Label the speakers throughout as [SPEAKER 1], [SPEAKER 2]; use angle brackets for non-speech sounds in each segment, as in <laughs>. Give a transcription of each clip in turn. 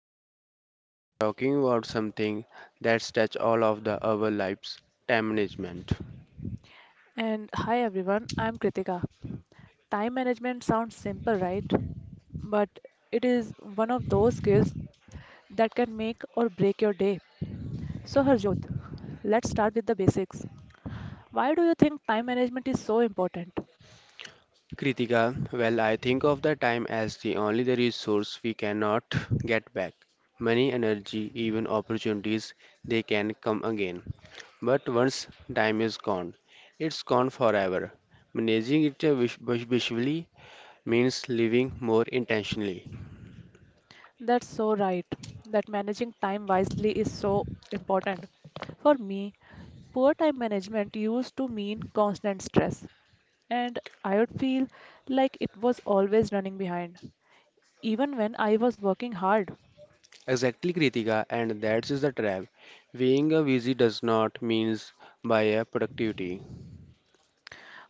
[SPEAKER 1] Harjot and we are talking about something that's touch all of the our lives, time management.
[SPEAKER 2] And hi everyone, I'm Kritika. Time management sounds simple, right? But it is one of those skills that can make or break your day. So, Harjot, let's start with the basics. Why do you think time management is so important?
[SPEAKER 1] Kritika, well I think of the time as the only the resource we cannot get back. Money, energy, even opportunities, they can come again. But once time is gone, it's gone forever. Managing it visually means living more intentionally.
[SPEAKER 2] That's so right, that managing time wisely is so important. For me, poor time management used to mean constant stress, and I would feel like it was always running behind, even when I was working hard.
[SPEAKER 1] Exactly, Kritika, and that is the trap. Being a busy does not means by a productivity.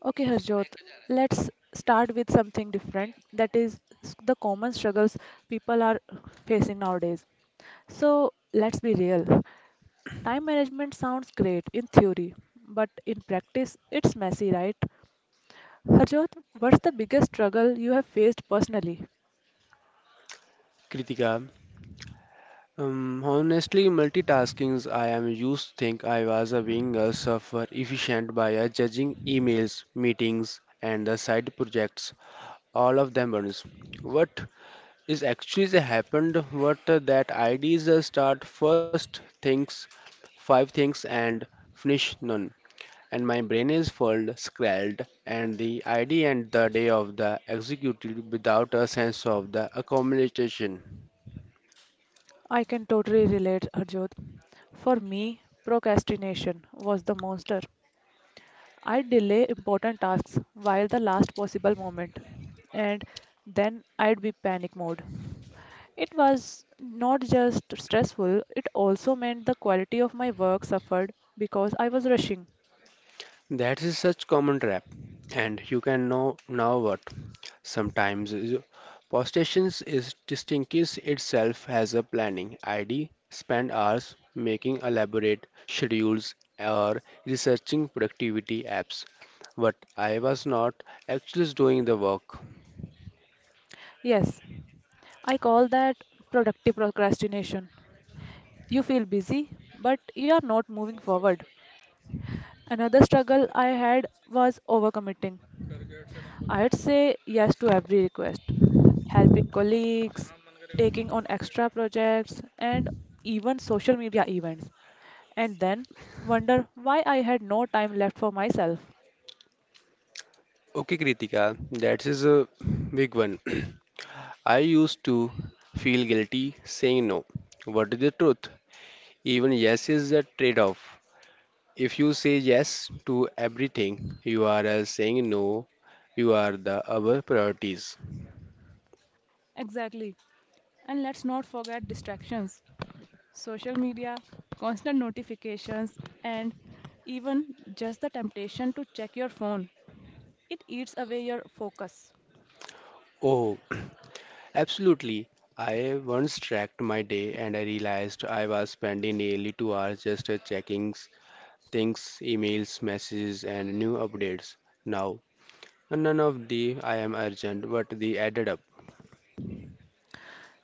[SPEAKER 2] Okay, Harjot, let's start with something different, that is the common struggles people are facing nowadays. So, let's be real. Time management sounds great in theory, but in practice, it's messy, right? Harjot, what's the biggest struggle you have faced personally?
[SPEAKER 1] Kritika, honestly, multitaskings I am used to think I was a being a suffer efficient by a judging emails, meetings, and the side projects. All of them burns. What is actually the happened? What that ideas start first things, five things, and finish none. And my brain is full, scrawled, and the idea and the day of the executed without a sense of the accumulation.
[SPEAKER 2] I can totally relate, Harjot. For me, procrastination was the monster. I delay important tasks while the last possible moment, and then I'd be panic mode. It was not just stressful, it also meant the quality of my work suffered because I was rushing.
[SPEAKER 1] That is such common trap, and you can know now what. Sometimes you- Postations is distinguishes itself as a planning ID, spend hours making elaborate schedules or researching productivity apps. But I was not actually doing the work.
[SPEAKER 2] Yes, I call that productive procrastination. You feel busy, but you are not moving forward. Another struggle I had was overcommitting. I'd say yes to every request, helping colleagues, taking on extra projects, and even social media events, and then wonder why I had no time left for myself.
[SPEAKER 1] Okay, Kritika, that is a big one. <clears throat> I used to feel guilty saying no. What is the truth? Even yes is a trade off. If you say yes to everything, you are saying no, you are the other priorities.
[SPEAKER 2] Exactly. And let's not forget distractions, social media, constant notifications, and even just the temptation to check your phone. It eats away your focus.
[SPEAKER 1] Oh, <clears throat> absolutely. I once tracked my day and I realized I was spending nearly 2 hours just checking things, emails, messages, and new updates. Now none of the I am urgent, but the added up.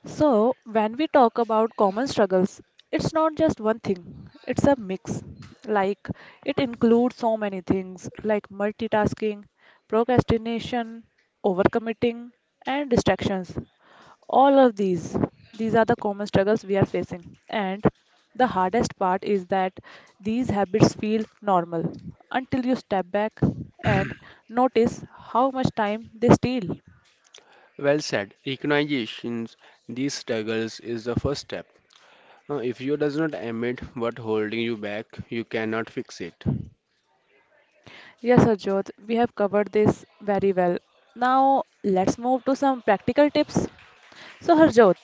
[SPEAKER 2] So, when we talk about common struggles, it's not just one thing, it's a mix. Like, it includes so many things like multitasking, procrastination, overcommitting, and distractions. All of these, these are the common struggles we are facing. And the hardest part is that these habits feel normal until you step back and
[SPEAKER 1] <clears throat>
[SPEAKER 2] notice how much time they steal.
[SPEAKER 1] Well said. Recognitions these struggles is the first step. Now, if you does not admit what holding you back, you cannot fix it.
[SPEAKER 2] Yes, Harjot, we have covered this very well. Now let's move to some practical tips. So, Harjot,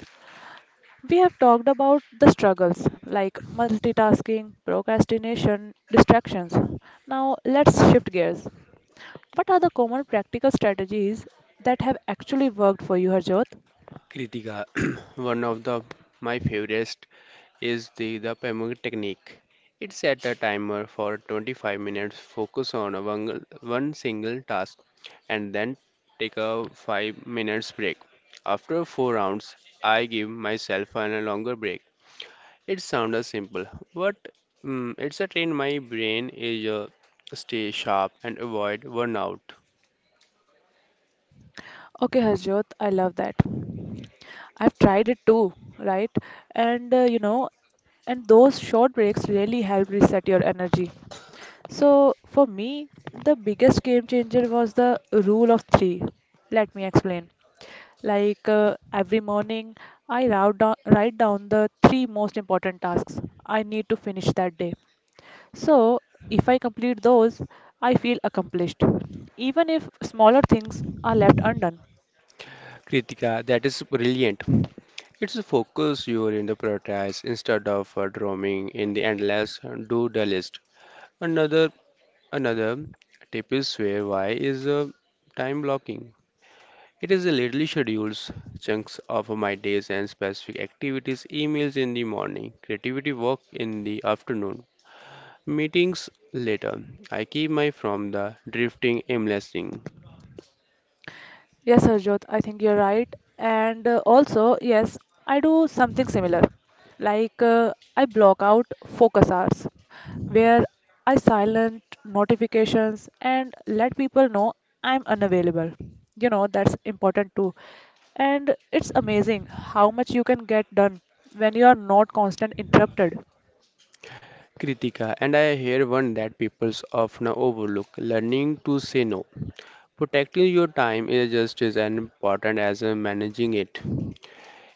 [SPEAKER 2] we have talked about the struggles like multitasking, procrastination, distractions. Now let's shift gears. What are the common practical strategies that have actually worked for you, Harjot?
[SPEAKER 1] Kritika, <clears throat> one of the my favorites is the Pemuk technique. It set a timer for 25 minutes. Focus on a one single task, and then take a 5 minutes break. After four rounds, I give myself a longer break. It sounded simple, but it's a train my brain is stay sharp and avoid burnout.
[SPEAKER 2] Okay, Harjot, I love that. I've tried it too, right? And and those short breaks really help reset your energy. So, for me, the biggest game changer was the rule of three. Let me explain. Every morning, I write down the three most important tasks I need to finish that day. So, if I complete those, I feel accomplished, even if smaller things are left undone.
[SPEAKER 1] Kritika, that is brilliant. It's a focus you are in the prioritize instead of roaming in the endless do the list. Another another tip is where why is time blocking. It is a literally schedules chunks of my days and specific activities, emails in the morning, creativity work in the afternoon. Meetings later. I keep my from the drifting aimlessly.
[SPEAKER 2] Yes, Sarjot, I think you're right. I do something similar. I block out focus hours where I silent notifications and let people know I'm unavailable. You know, that's important too. And it's amazing how much you can get done when you are not constant interrupted.
[SPEAKER 1] Kritika, and I hear one that people often overlook learning to say no. Protecting your time is just as important as managing it.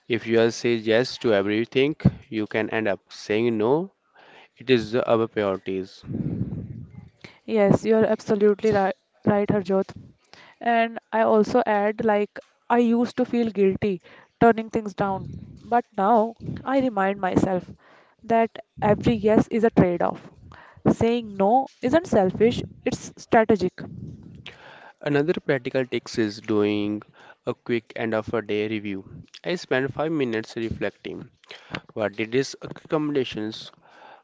[SPEAKER 1] If you are say yes to everything, you can end up saying no. It is the other priorities.
[SPEAKER 2] Yes, you're absolutely right, right, Harjot. And I also add, like, I used to feel guilty turning things down, but now I remind myself that every yes is a trade-off. Saying no isn't selfish, it's strategic.
[SPEAKER 1] Another practical tip is doing a quick end of a day review. I spend 5 minutes reflecting. What did these recommendations?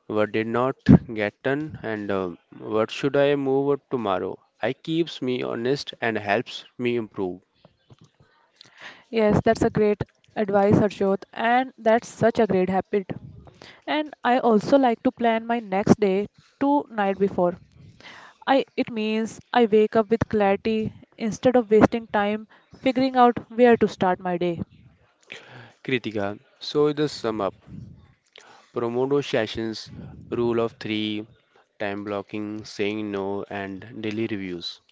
[SPEAKER 1] What did not get done and what should I move tomorrow? I keeps me honest and helps me improve.
[SPEAKER 2] Yes, that's a great advice, Harshot, and that's such a great habit. And I also like to plan my next day to night before. I it means I wake up with clarity instead of wasting time figuring out where to start my day.
[SPEAKER 1] Kritika, so the sum up. Promodo sessions, rule of three, time blocking, saying no, and daily reviews.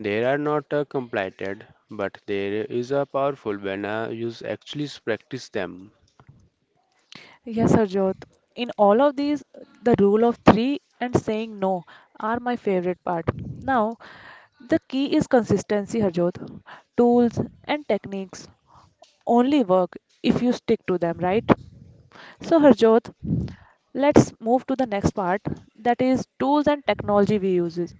[SPEAKER 1] They are not completed, but there is a powerful when I use actually practice them.
[SPEAKER 2] Yes, Sarjot. In all of these, the rule of three and saying no are my favorite part. Now, the key is consistency, Harjot. Tools and techniques only work if you stick to them, right? So, Harjot, let's move to the next part, that is tools and technology we uses.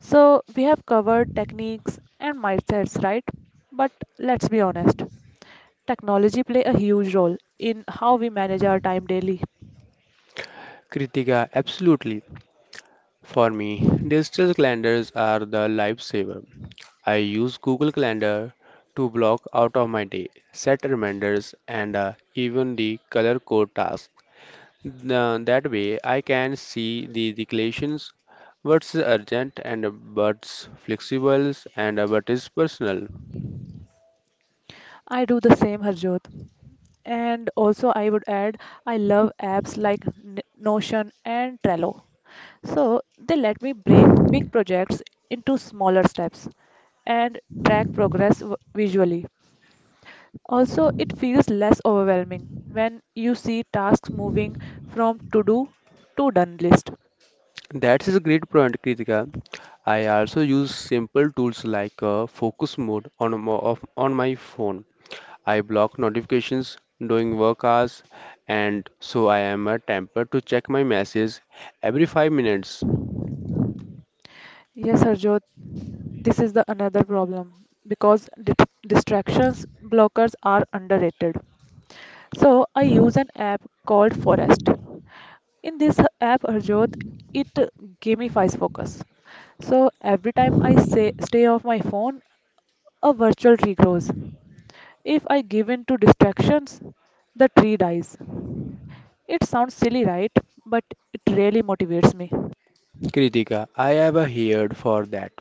[SPEAKER 2] So, we have covered techniques and mindsets, right? But let's be honest, technology play a huge role in how we manage our time daily.
[SPEAKER 1] Kritika, absolutely. For me, digital calendars are the lifesaver. I use Google Calendar to block out of my day, set reminders, and even the color code tasks. That way, I can see the declarations, what's urgent and what's flexible and what is personal.
[SPEAKER 2] I do the same, Harjot. And also, I would add, I love apps like Notion and Trello. So they let me break big projects into smaller steps and track progress visually. Also, it feels less overwhelming when you see tasks moving from to do to done list.
[SPEAKER 1] That is a great point, Kritika. I also use simple tools like focus mode on, of, on my phone. I block notifications during work hours and so I am a temper to check my messages every 5 minutes.
[SPEAKER 2] Yes, Harjot, this is the another problem because distractions blockers are underrated. So I use an app called Forest. In this app, Harjot, it gamifies focus. So every time I say stay off my phone, a virtual tree grows. If I give in to distractions, the tree dies. It sounds silly, right? But it really motivates me.
[SPEAKER 1] Kritika, I have a heard for that.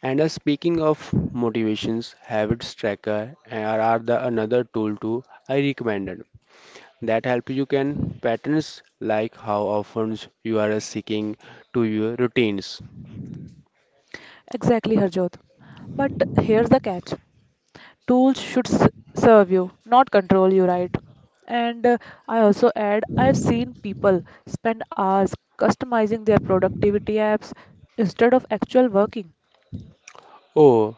[SPEAKER 1] And speaking of motivations, habits tracker are the another tool too I recommended that help you can patterns like how often you are seeking to your routines.
[SPEAKER 2] Exactly, Harjot. But here's the catch. Tools should serve you, not control you, right? And I also add, I've seen people spend hours customizing their productivity apps instead of actual working.
[SPEAKER 1] Oh,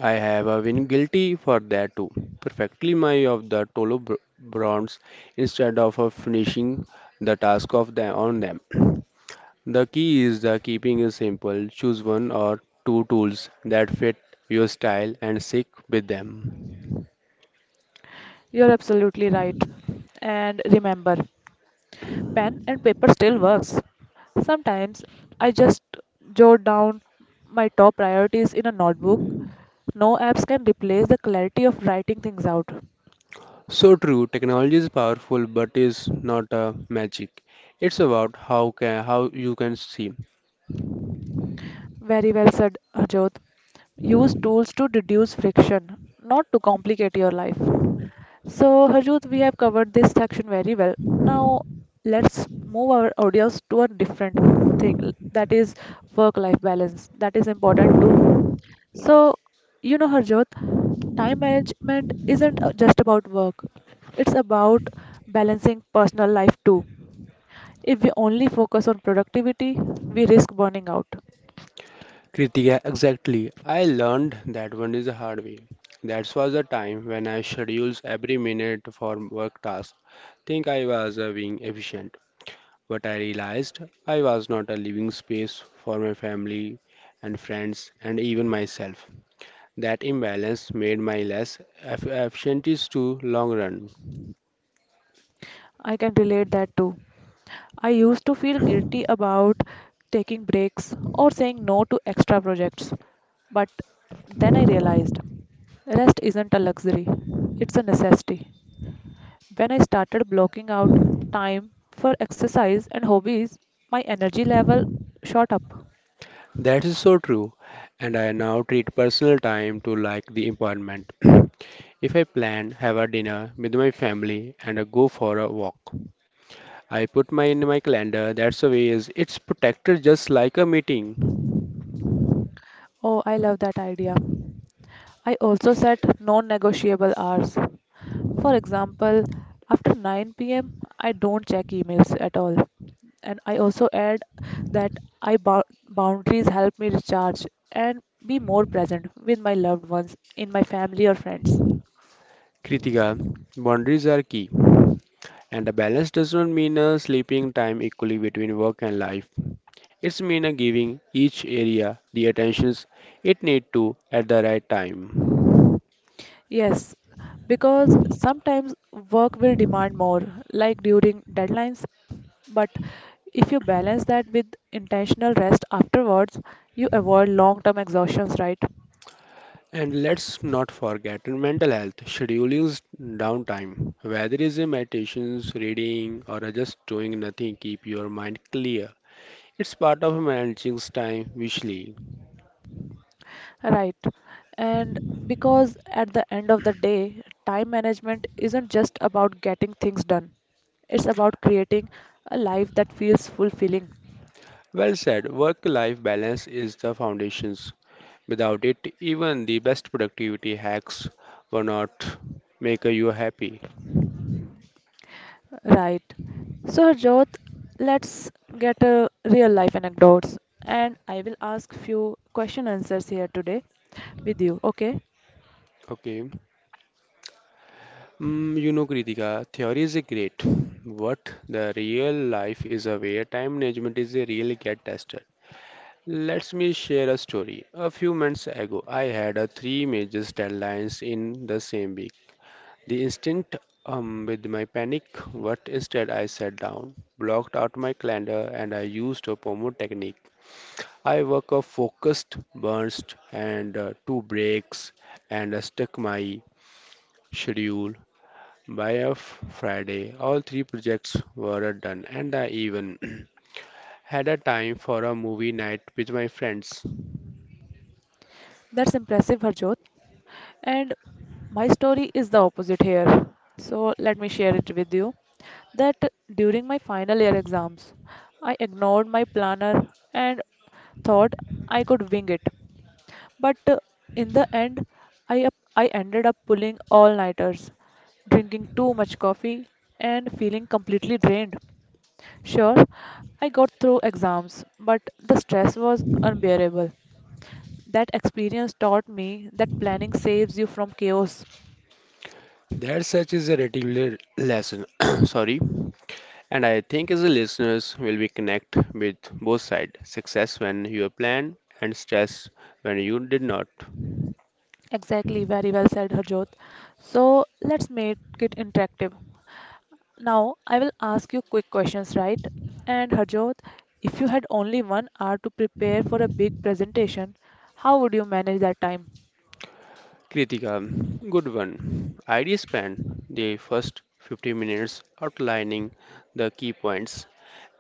[SPEAKER 1] I have been guilty for that too. Perfectly my of the Tolo bronze instead of finishing the task of the on them. <clears throat> The key is the keeping is simple. Choose one or two tools that fit your style and stick with them.
[SPEAKER 2] You're absolutely right. And remember, pen and paper still works. Sometimes I just jot down my top priorities in a notebook. No apps can replace the clarity of writing things out.
[SPEAKER 1] So true, technology is powerful but is not a magic. It's about how can how you can see.
[SPEAKER 2] Very well said, Harjot. Use tools to reduce friction, not to complicate your life. So, Harjot, we have covered this section very well. Now, let's move our audience to a different thing, that is work life balance. That is important too. So, you know, Harjot, time management isn't just about work. It's about balancing personal life too. If we only focus on productivity, we risk burning out.
[SPEAKER 1] Kritika, exactly. I learned that one is a hard way. That was the time when I schedules every minute for work tasks. Think I was being efficient, but I realized I was not a living space for my family and friends and even myself. That imbalance made my less efficient is to long run.
[SPEAKER 2] I can relate that too. I used to feel guilty about taking breaks or saying no to extra projects. But then I realized rest isn't a luxury, it's a necessity. When I started blocking out time for exercise and hobbies, my energy level shot up.
[SPEAKER 1] That is so true, and I now treat personal time to like the appointment. <clears throat> If I plan, have a dinner with my family and a go for a walk, I put my in my calendar. That's the way is it's protected just like a meeting.
[SPEAKER 2] Oh, I love that idea. I also set non-negotiable hours. For example, after 9 p.m., I don't check emails at all. And I also add that I boundaries help me recharge and be more present with my loved ones, in my family or friends.
[SPEAKER 1] Kritika, boundaries are key, and a balance does not mean a sleeping time equally between work and life. It's mean a giving each area the attentions it need to at the right time.
[SPEAKER 2] Yes, because sometimes work will demand more, like during deadlines, but if you balance that with intentional rest afterwards, you avoid long term exhaustions, right?
[SPEAKER 1] And let's not forget mental health, scheduling downtime, whether it's a meditations, reading, or just doing nothing, keep your mind clear. It's part of managing time visually.
[SPEAKER 2] Right. And because at the end of the day, time management isn't just about getting things done, it's about creating a life that feels fulfilling,
[SPEAKER 1] Well said, work life balance is the foundations. Without it, even the best productivity hacks will not make you happy.
[SPEAKER 2] right? So, Harjot, let's get a real life anecdotes and I will ask few question answers here today with you, okay?
[SPEAKER 1] Okay. You know, Kritika, theory is a great, but the real life is a where time management is a really get tested. Let me share a story. A few months ago, I had a three major deadlines in the same week. The instinct with my panic, what instead I sat down, blocked out my calendar, and I used a Pomodoro technique. I work a focused burst and two breaks, and I stuck my schedule. By a Friday, all three projects were done, and I even <clears throat> had a time for a movie night with my friends.
[SPEAKER 2] That's impressive, Harjot. And my story is the opposite here. So let me share it with you. That during my final year exams, I ignored my planner and thought I could wing it. But in the end, I ended up pulling all nighters, drinking too much coffee, and feeling completely drained. Sure, I got through exams, but the stress was unbearable. That experience taught me that planning saves you from chaos.
[SPEAKER 1] That such is a regular lesson, <coughs> <clears throat> sorry, and I think as a listeners will be connect with both side. Success when you plan and stress when you did not.
[SPEAKER 2] Exactly, very well said, Harjot. So let's make it interactive. Now I will ask you quick questions, right? And Harjot, if you had only 1 hour to prepare for a big presentation, how would you manage that time?
[SPEAKER 1] Kritika, good one. I spent the first 50 minutes outlining the key points,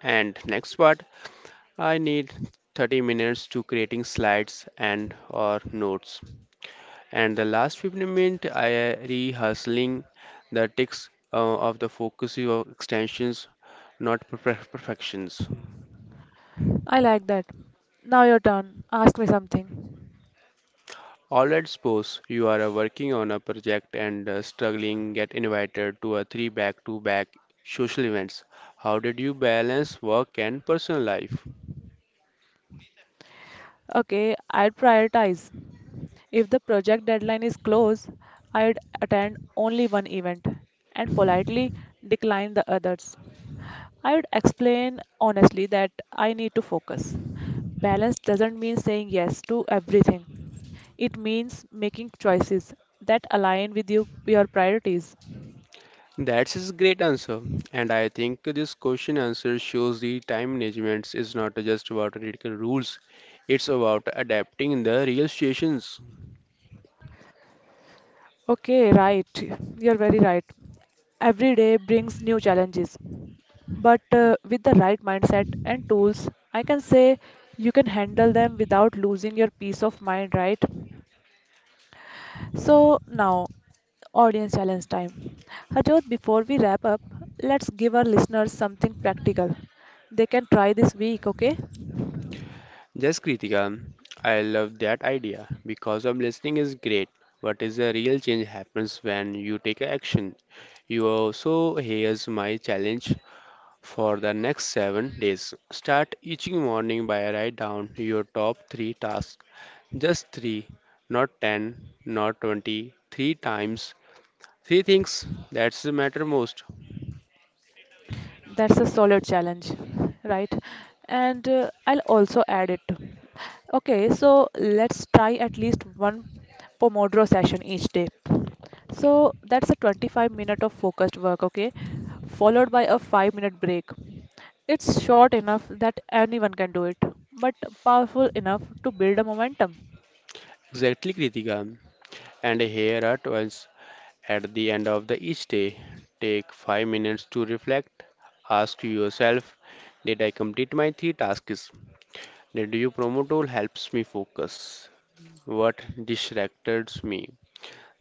[SPEAKER 1] and next part I need 30 minutes to creating slides and or notes. And the last 15 minutes, I rehearsing the text of the focus of extensions, not perfections.
[SPEAKER 2] I like that. Now your turn. Ask me something.
[SPEAKER 1] All right, suppose you are working on a project and struggling, get invited to a three back-to-back social events. How did you balance work and personal life?
[SPEAKER 2] Okay, I'd prioritize. If the project deadline is close, I'd attend only one event and politely decline the others. I would explain honestly that I need to focus. Balance doesn't mean saying yes to everything. It means making choices that align with you, your priorities.
[SPEAKER 1] That's his great answer. And I think this question answer shows the time management is not just about critical rules, it's about adapting the real situations.
[SPEAKER 2] Okay, right. You're very right. Every day brings new challenges. But with the right mindset and tools, I can say you can handle them without losing your peace of mind, right? So now, audience challenge time. Harjot, before we wrap up, let's give our listeners something practical. They can try this week, okay?
[SPEAKER 1] Yes, Kritika, I love that idea because of listening is great. What is a real change happens when you take a action. You also here's my challenge for the next 7 days. Start each morning by write down your top three tasks. Just three, not ten, not 20, three times. Three things that matter most.
[SPEAKER 2] That's a solid challenge, right? And I'll also add it. Okay, so let's try at least one Pomodoro session each day. So that's a 25 minute of focused work, okay, followed by a 5-minute break. It's short enough that anyone can do it, but powerful enough to build a momentum.
[SPEAKER 1] Exactly, Kritika. And here are once at the end of the each day, take 5 minutes to reflect. Ask yourself, did I complete my three tasks? Did you promote tool helps me focus? What distracted me?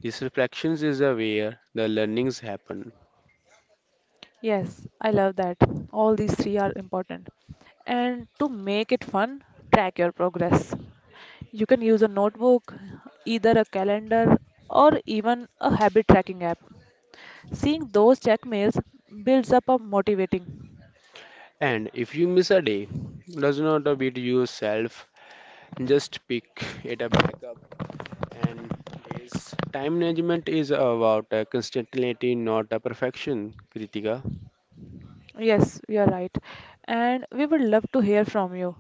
[SPEAKER 1] These reflections is where the learnings happen.
[SPEAKER 2] Yes, I love that. All these three are important. And to make it fun, track your progress. You can use a notebook, either a calendar, or even a habit tracking app. Seeing those checkmails builds up a motivating.
[SPEAKER 1] And if you miss a day, does not beat yourself. Just pick it up back up and is time management is about consistency, not a perfection, Kritika.
[SPEAKER 2] Yes, you're right. And we would love to hear from you.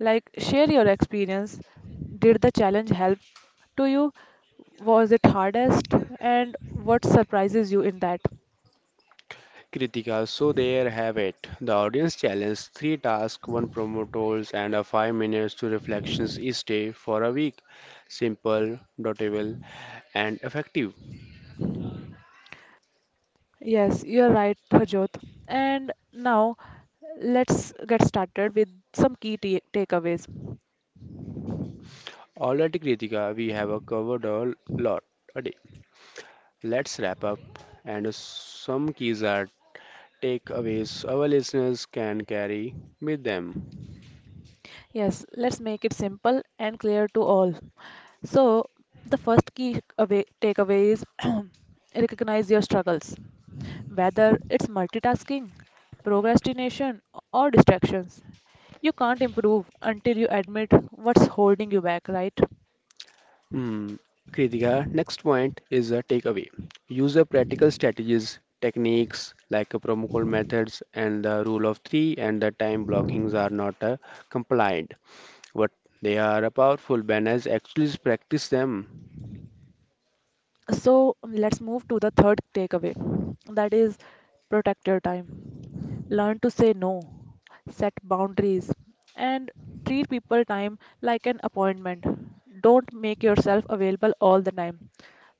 [SPEAKER 2] Like, share your experience. Did the challenge help to you? Was it hardest? And what surprises you in that?
[SPEAKER 1] Kritika, so there have it. The audience challenge three tasks, one promotals, and a 5 minutes to reflections each day for a week. Simple, doable, and effective.
[SPEAKER 2] Yes, you're right, Harjot. And now let's get started with some key takeaways.
[SPEAKER 1] Alrighty, Kritika, we have covered a lot a day. Let's wrap up, and some keys are takeaways our listeners can carry with them.
[SPEAKER 2] Yes, let's make it simple and clear to all. So, the first key away, takeaway is <clears throat> recognize your struggles. Whether it's multitasking, procrastination, or distractions, you can't improve until you admit what's holding you back, right?
[SPEAKER 1] Hmm. Kritika, next point is a takeaway. Use a practical strategies, techniques like a promo code methods and the rule of three and the time blockings are not compliant, but they are a powerful banners. Actually, practice them.
[SPEAKER 2] So let's move to the third takeaway, that is, protect your time. Learn to say no, set boundaries, and treat people time like an appointment. Don't make yourself available all the time.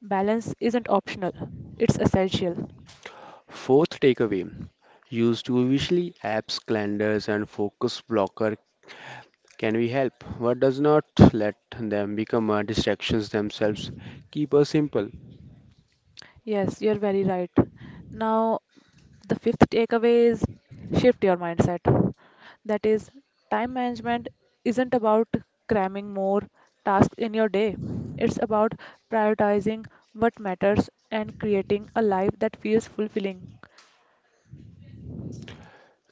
[SPEAKER 2] Balance isn't optional, it's essential.
[SPEAKER 1] Fourth takeaway. Use to visually apps, calendars, and focus blocker can we help? What does not let them become distractions themselves? Keep us simple.
[SPEAKER 2] Yes, you're very right. Now, the fifth takeaway is shift your mindset. That is, time management isn't about cramming more tasks in your day, it's about prioritizing what matters and creating a life that feels fulfilling.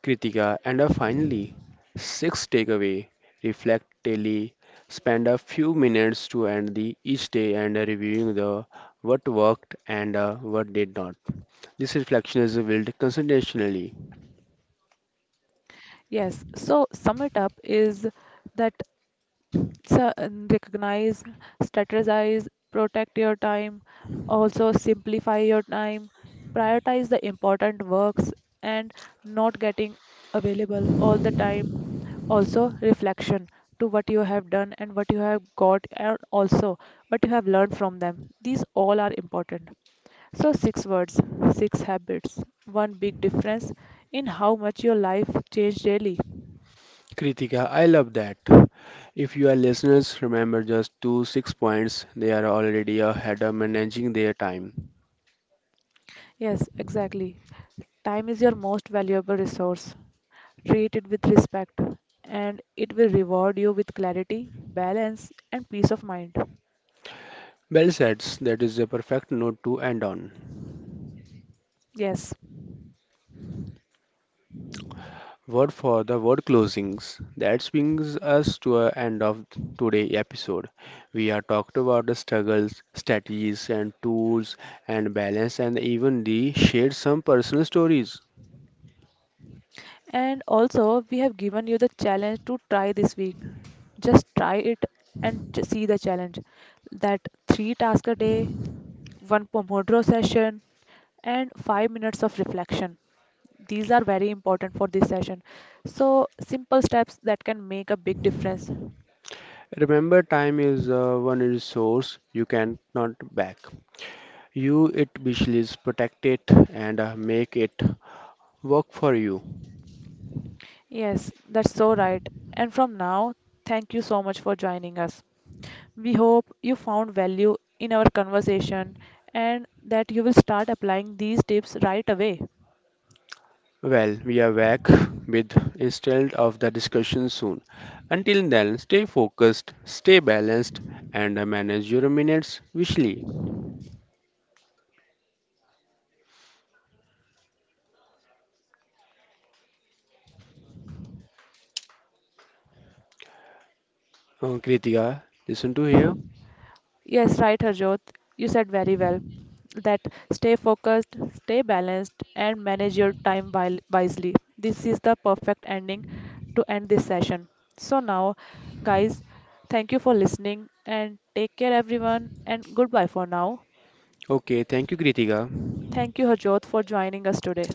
[SPEAKER 1] Kritika, and our finally sixth takeaway reflect daily. Spend a few minutes to end the each day and reviewing the what worked and what did not. This reflection is built consistently.
[SPEAKER 2] Yes, so sum it up is that, so, and recognize, strategize, protect your time, also simplify your time, prioritize the important works and not getting available all the time. Also, reflection to what you have done and what you have got, and also what you have learned from them. These all are important. So, six words, six habits, one big difference in how much your life changed daily.
[SPEAKER 1] Kritika, I love that. If you are listeners, remember just 2 6 points. They are already ahead of managing their time.
[SPEAKER 2] Yes, exactly. Time is your most valuable resource. Treat it with respect, and it will reward you with clarity, balance, and peace of mind.
[SPEAKER 1] Bell says that is a perfect note to end on.
[SPEAKER 2] Yes.
[SPEAKER 1] Word for the word closings. That brings us to an end of today's episode. We have talked about the struggles, strategies, and tools, and balance, and even the shared some personal stories.
[SPEAKER 2] And also, we have given you the challenge to try this week. Just try it and see the challenge. That 3 tasks a day, one Pomodoro session, and 5 minutes of reflection. These are very important for this session. So, simple steps that can make a big difference.
[SPEAKER 1] Remember, time is one resource you cannot back. You it visually protect it, and make it work for you.
[SPEAKER 2] Yes, that's so right. And from now, thank you so much for joining us. We hope you found value in our conversation and that you will start applying these tips right away.
[SPEAKER 1] Well, we are back <laughs> with instead of the discussion soon. Until then, stay focused, stay balanced, and manage your minutes wisely. Kritika, listen to here.
[SPEAKER 2] Yes, right, Harjot. You said very well that stay focused, stay balanced, and manage your time wisely. This is the perfect ending to end this session. So, now, guys, thank you for listening and take care, everyone, and goodbye for now.
[SPEAKER 1] Okay, thank you, Kritika.
[SPEAKER 2] Thank you, Harjot, for joining us today.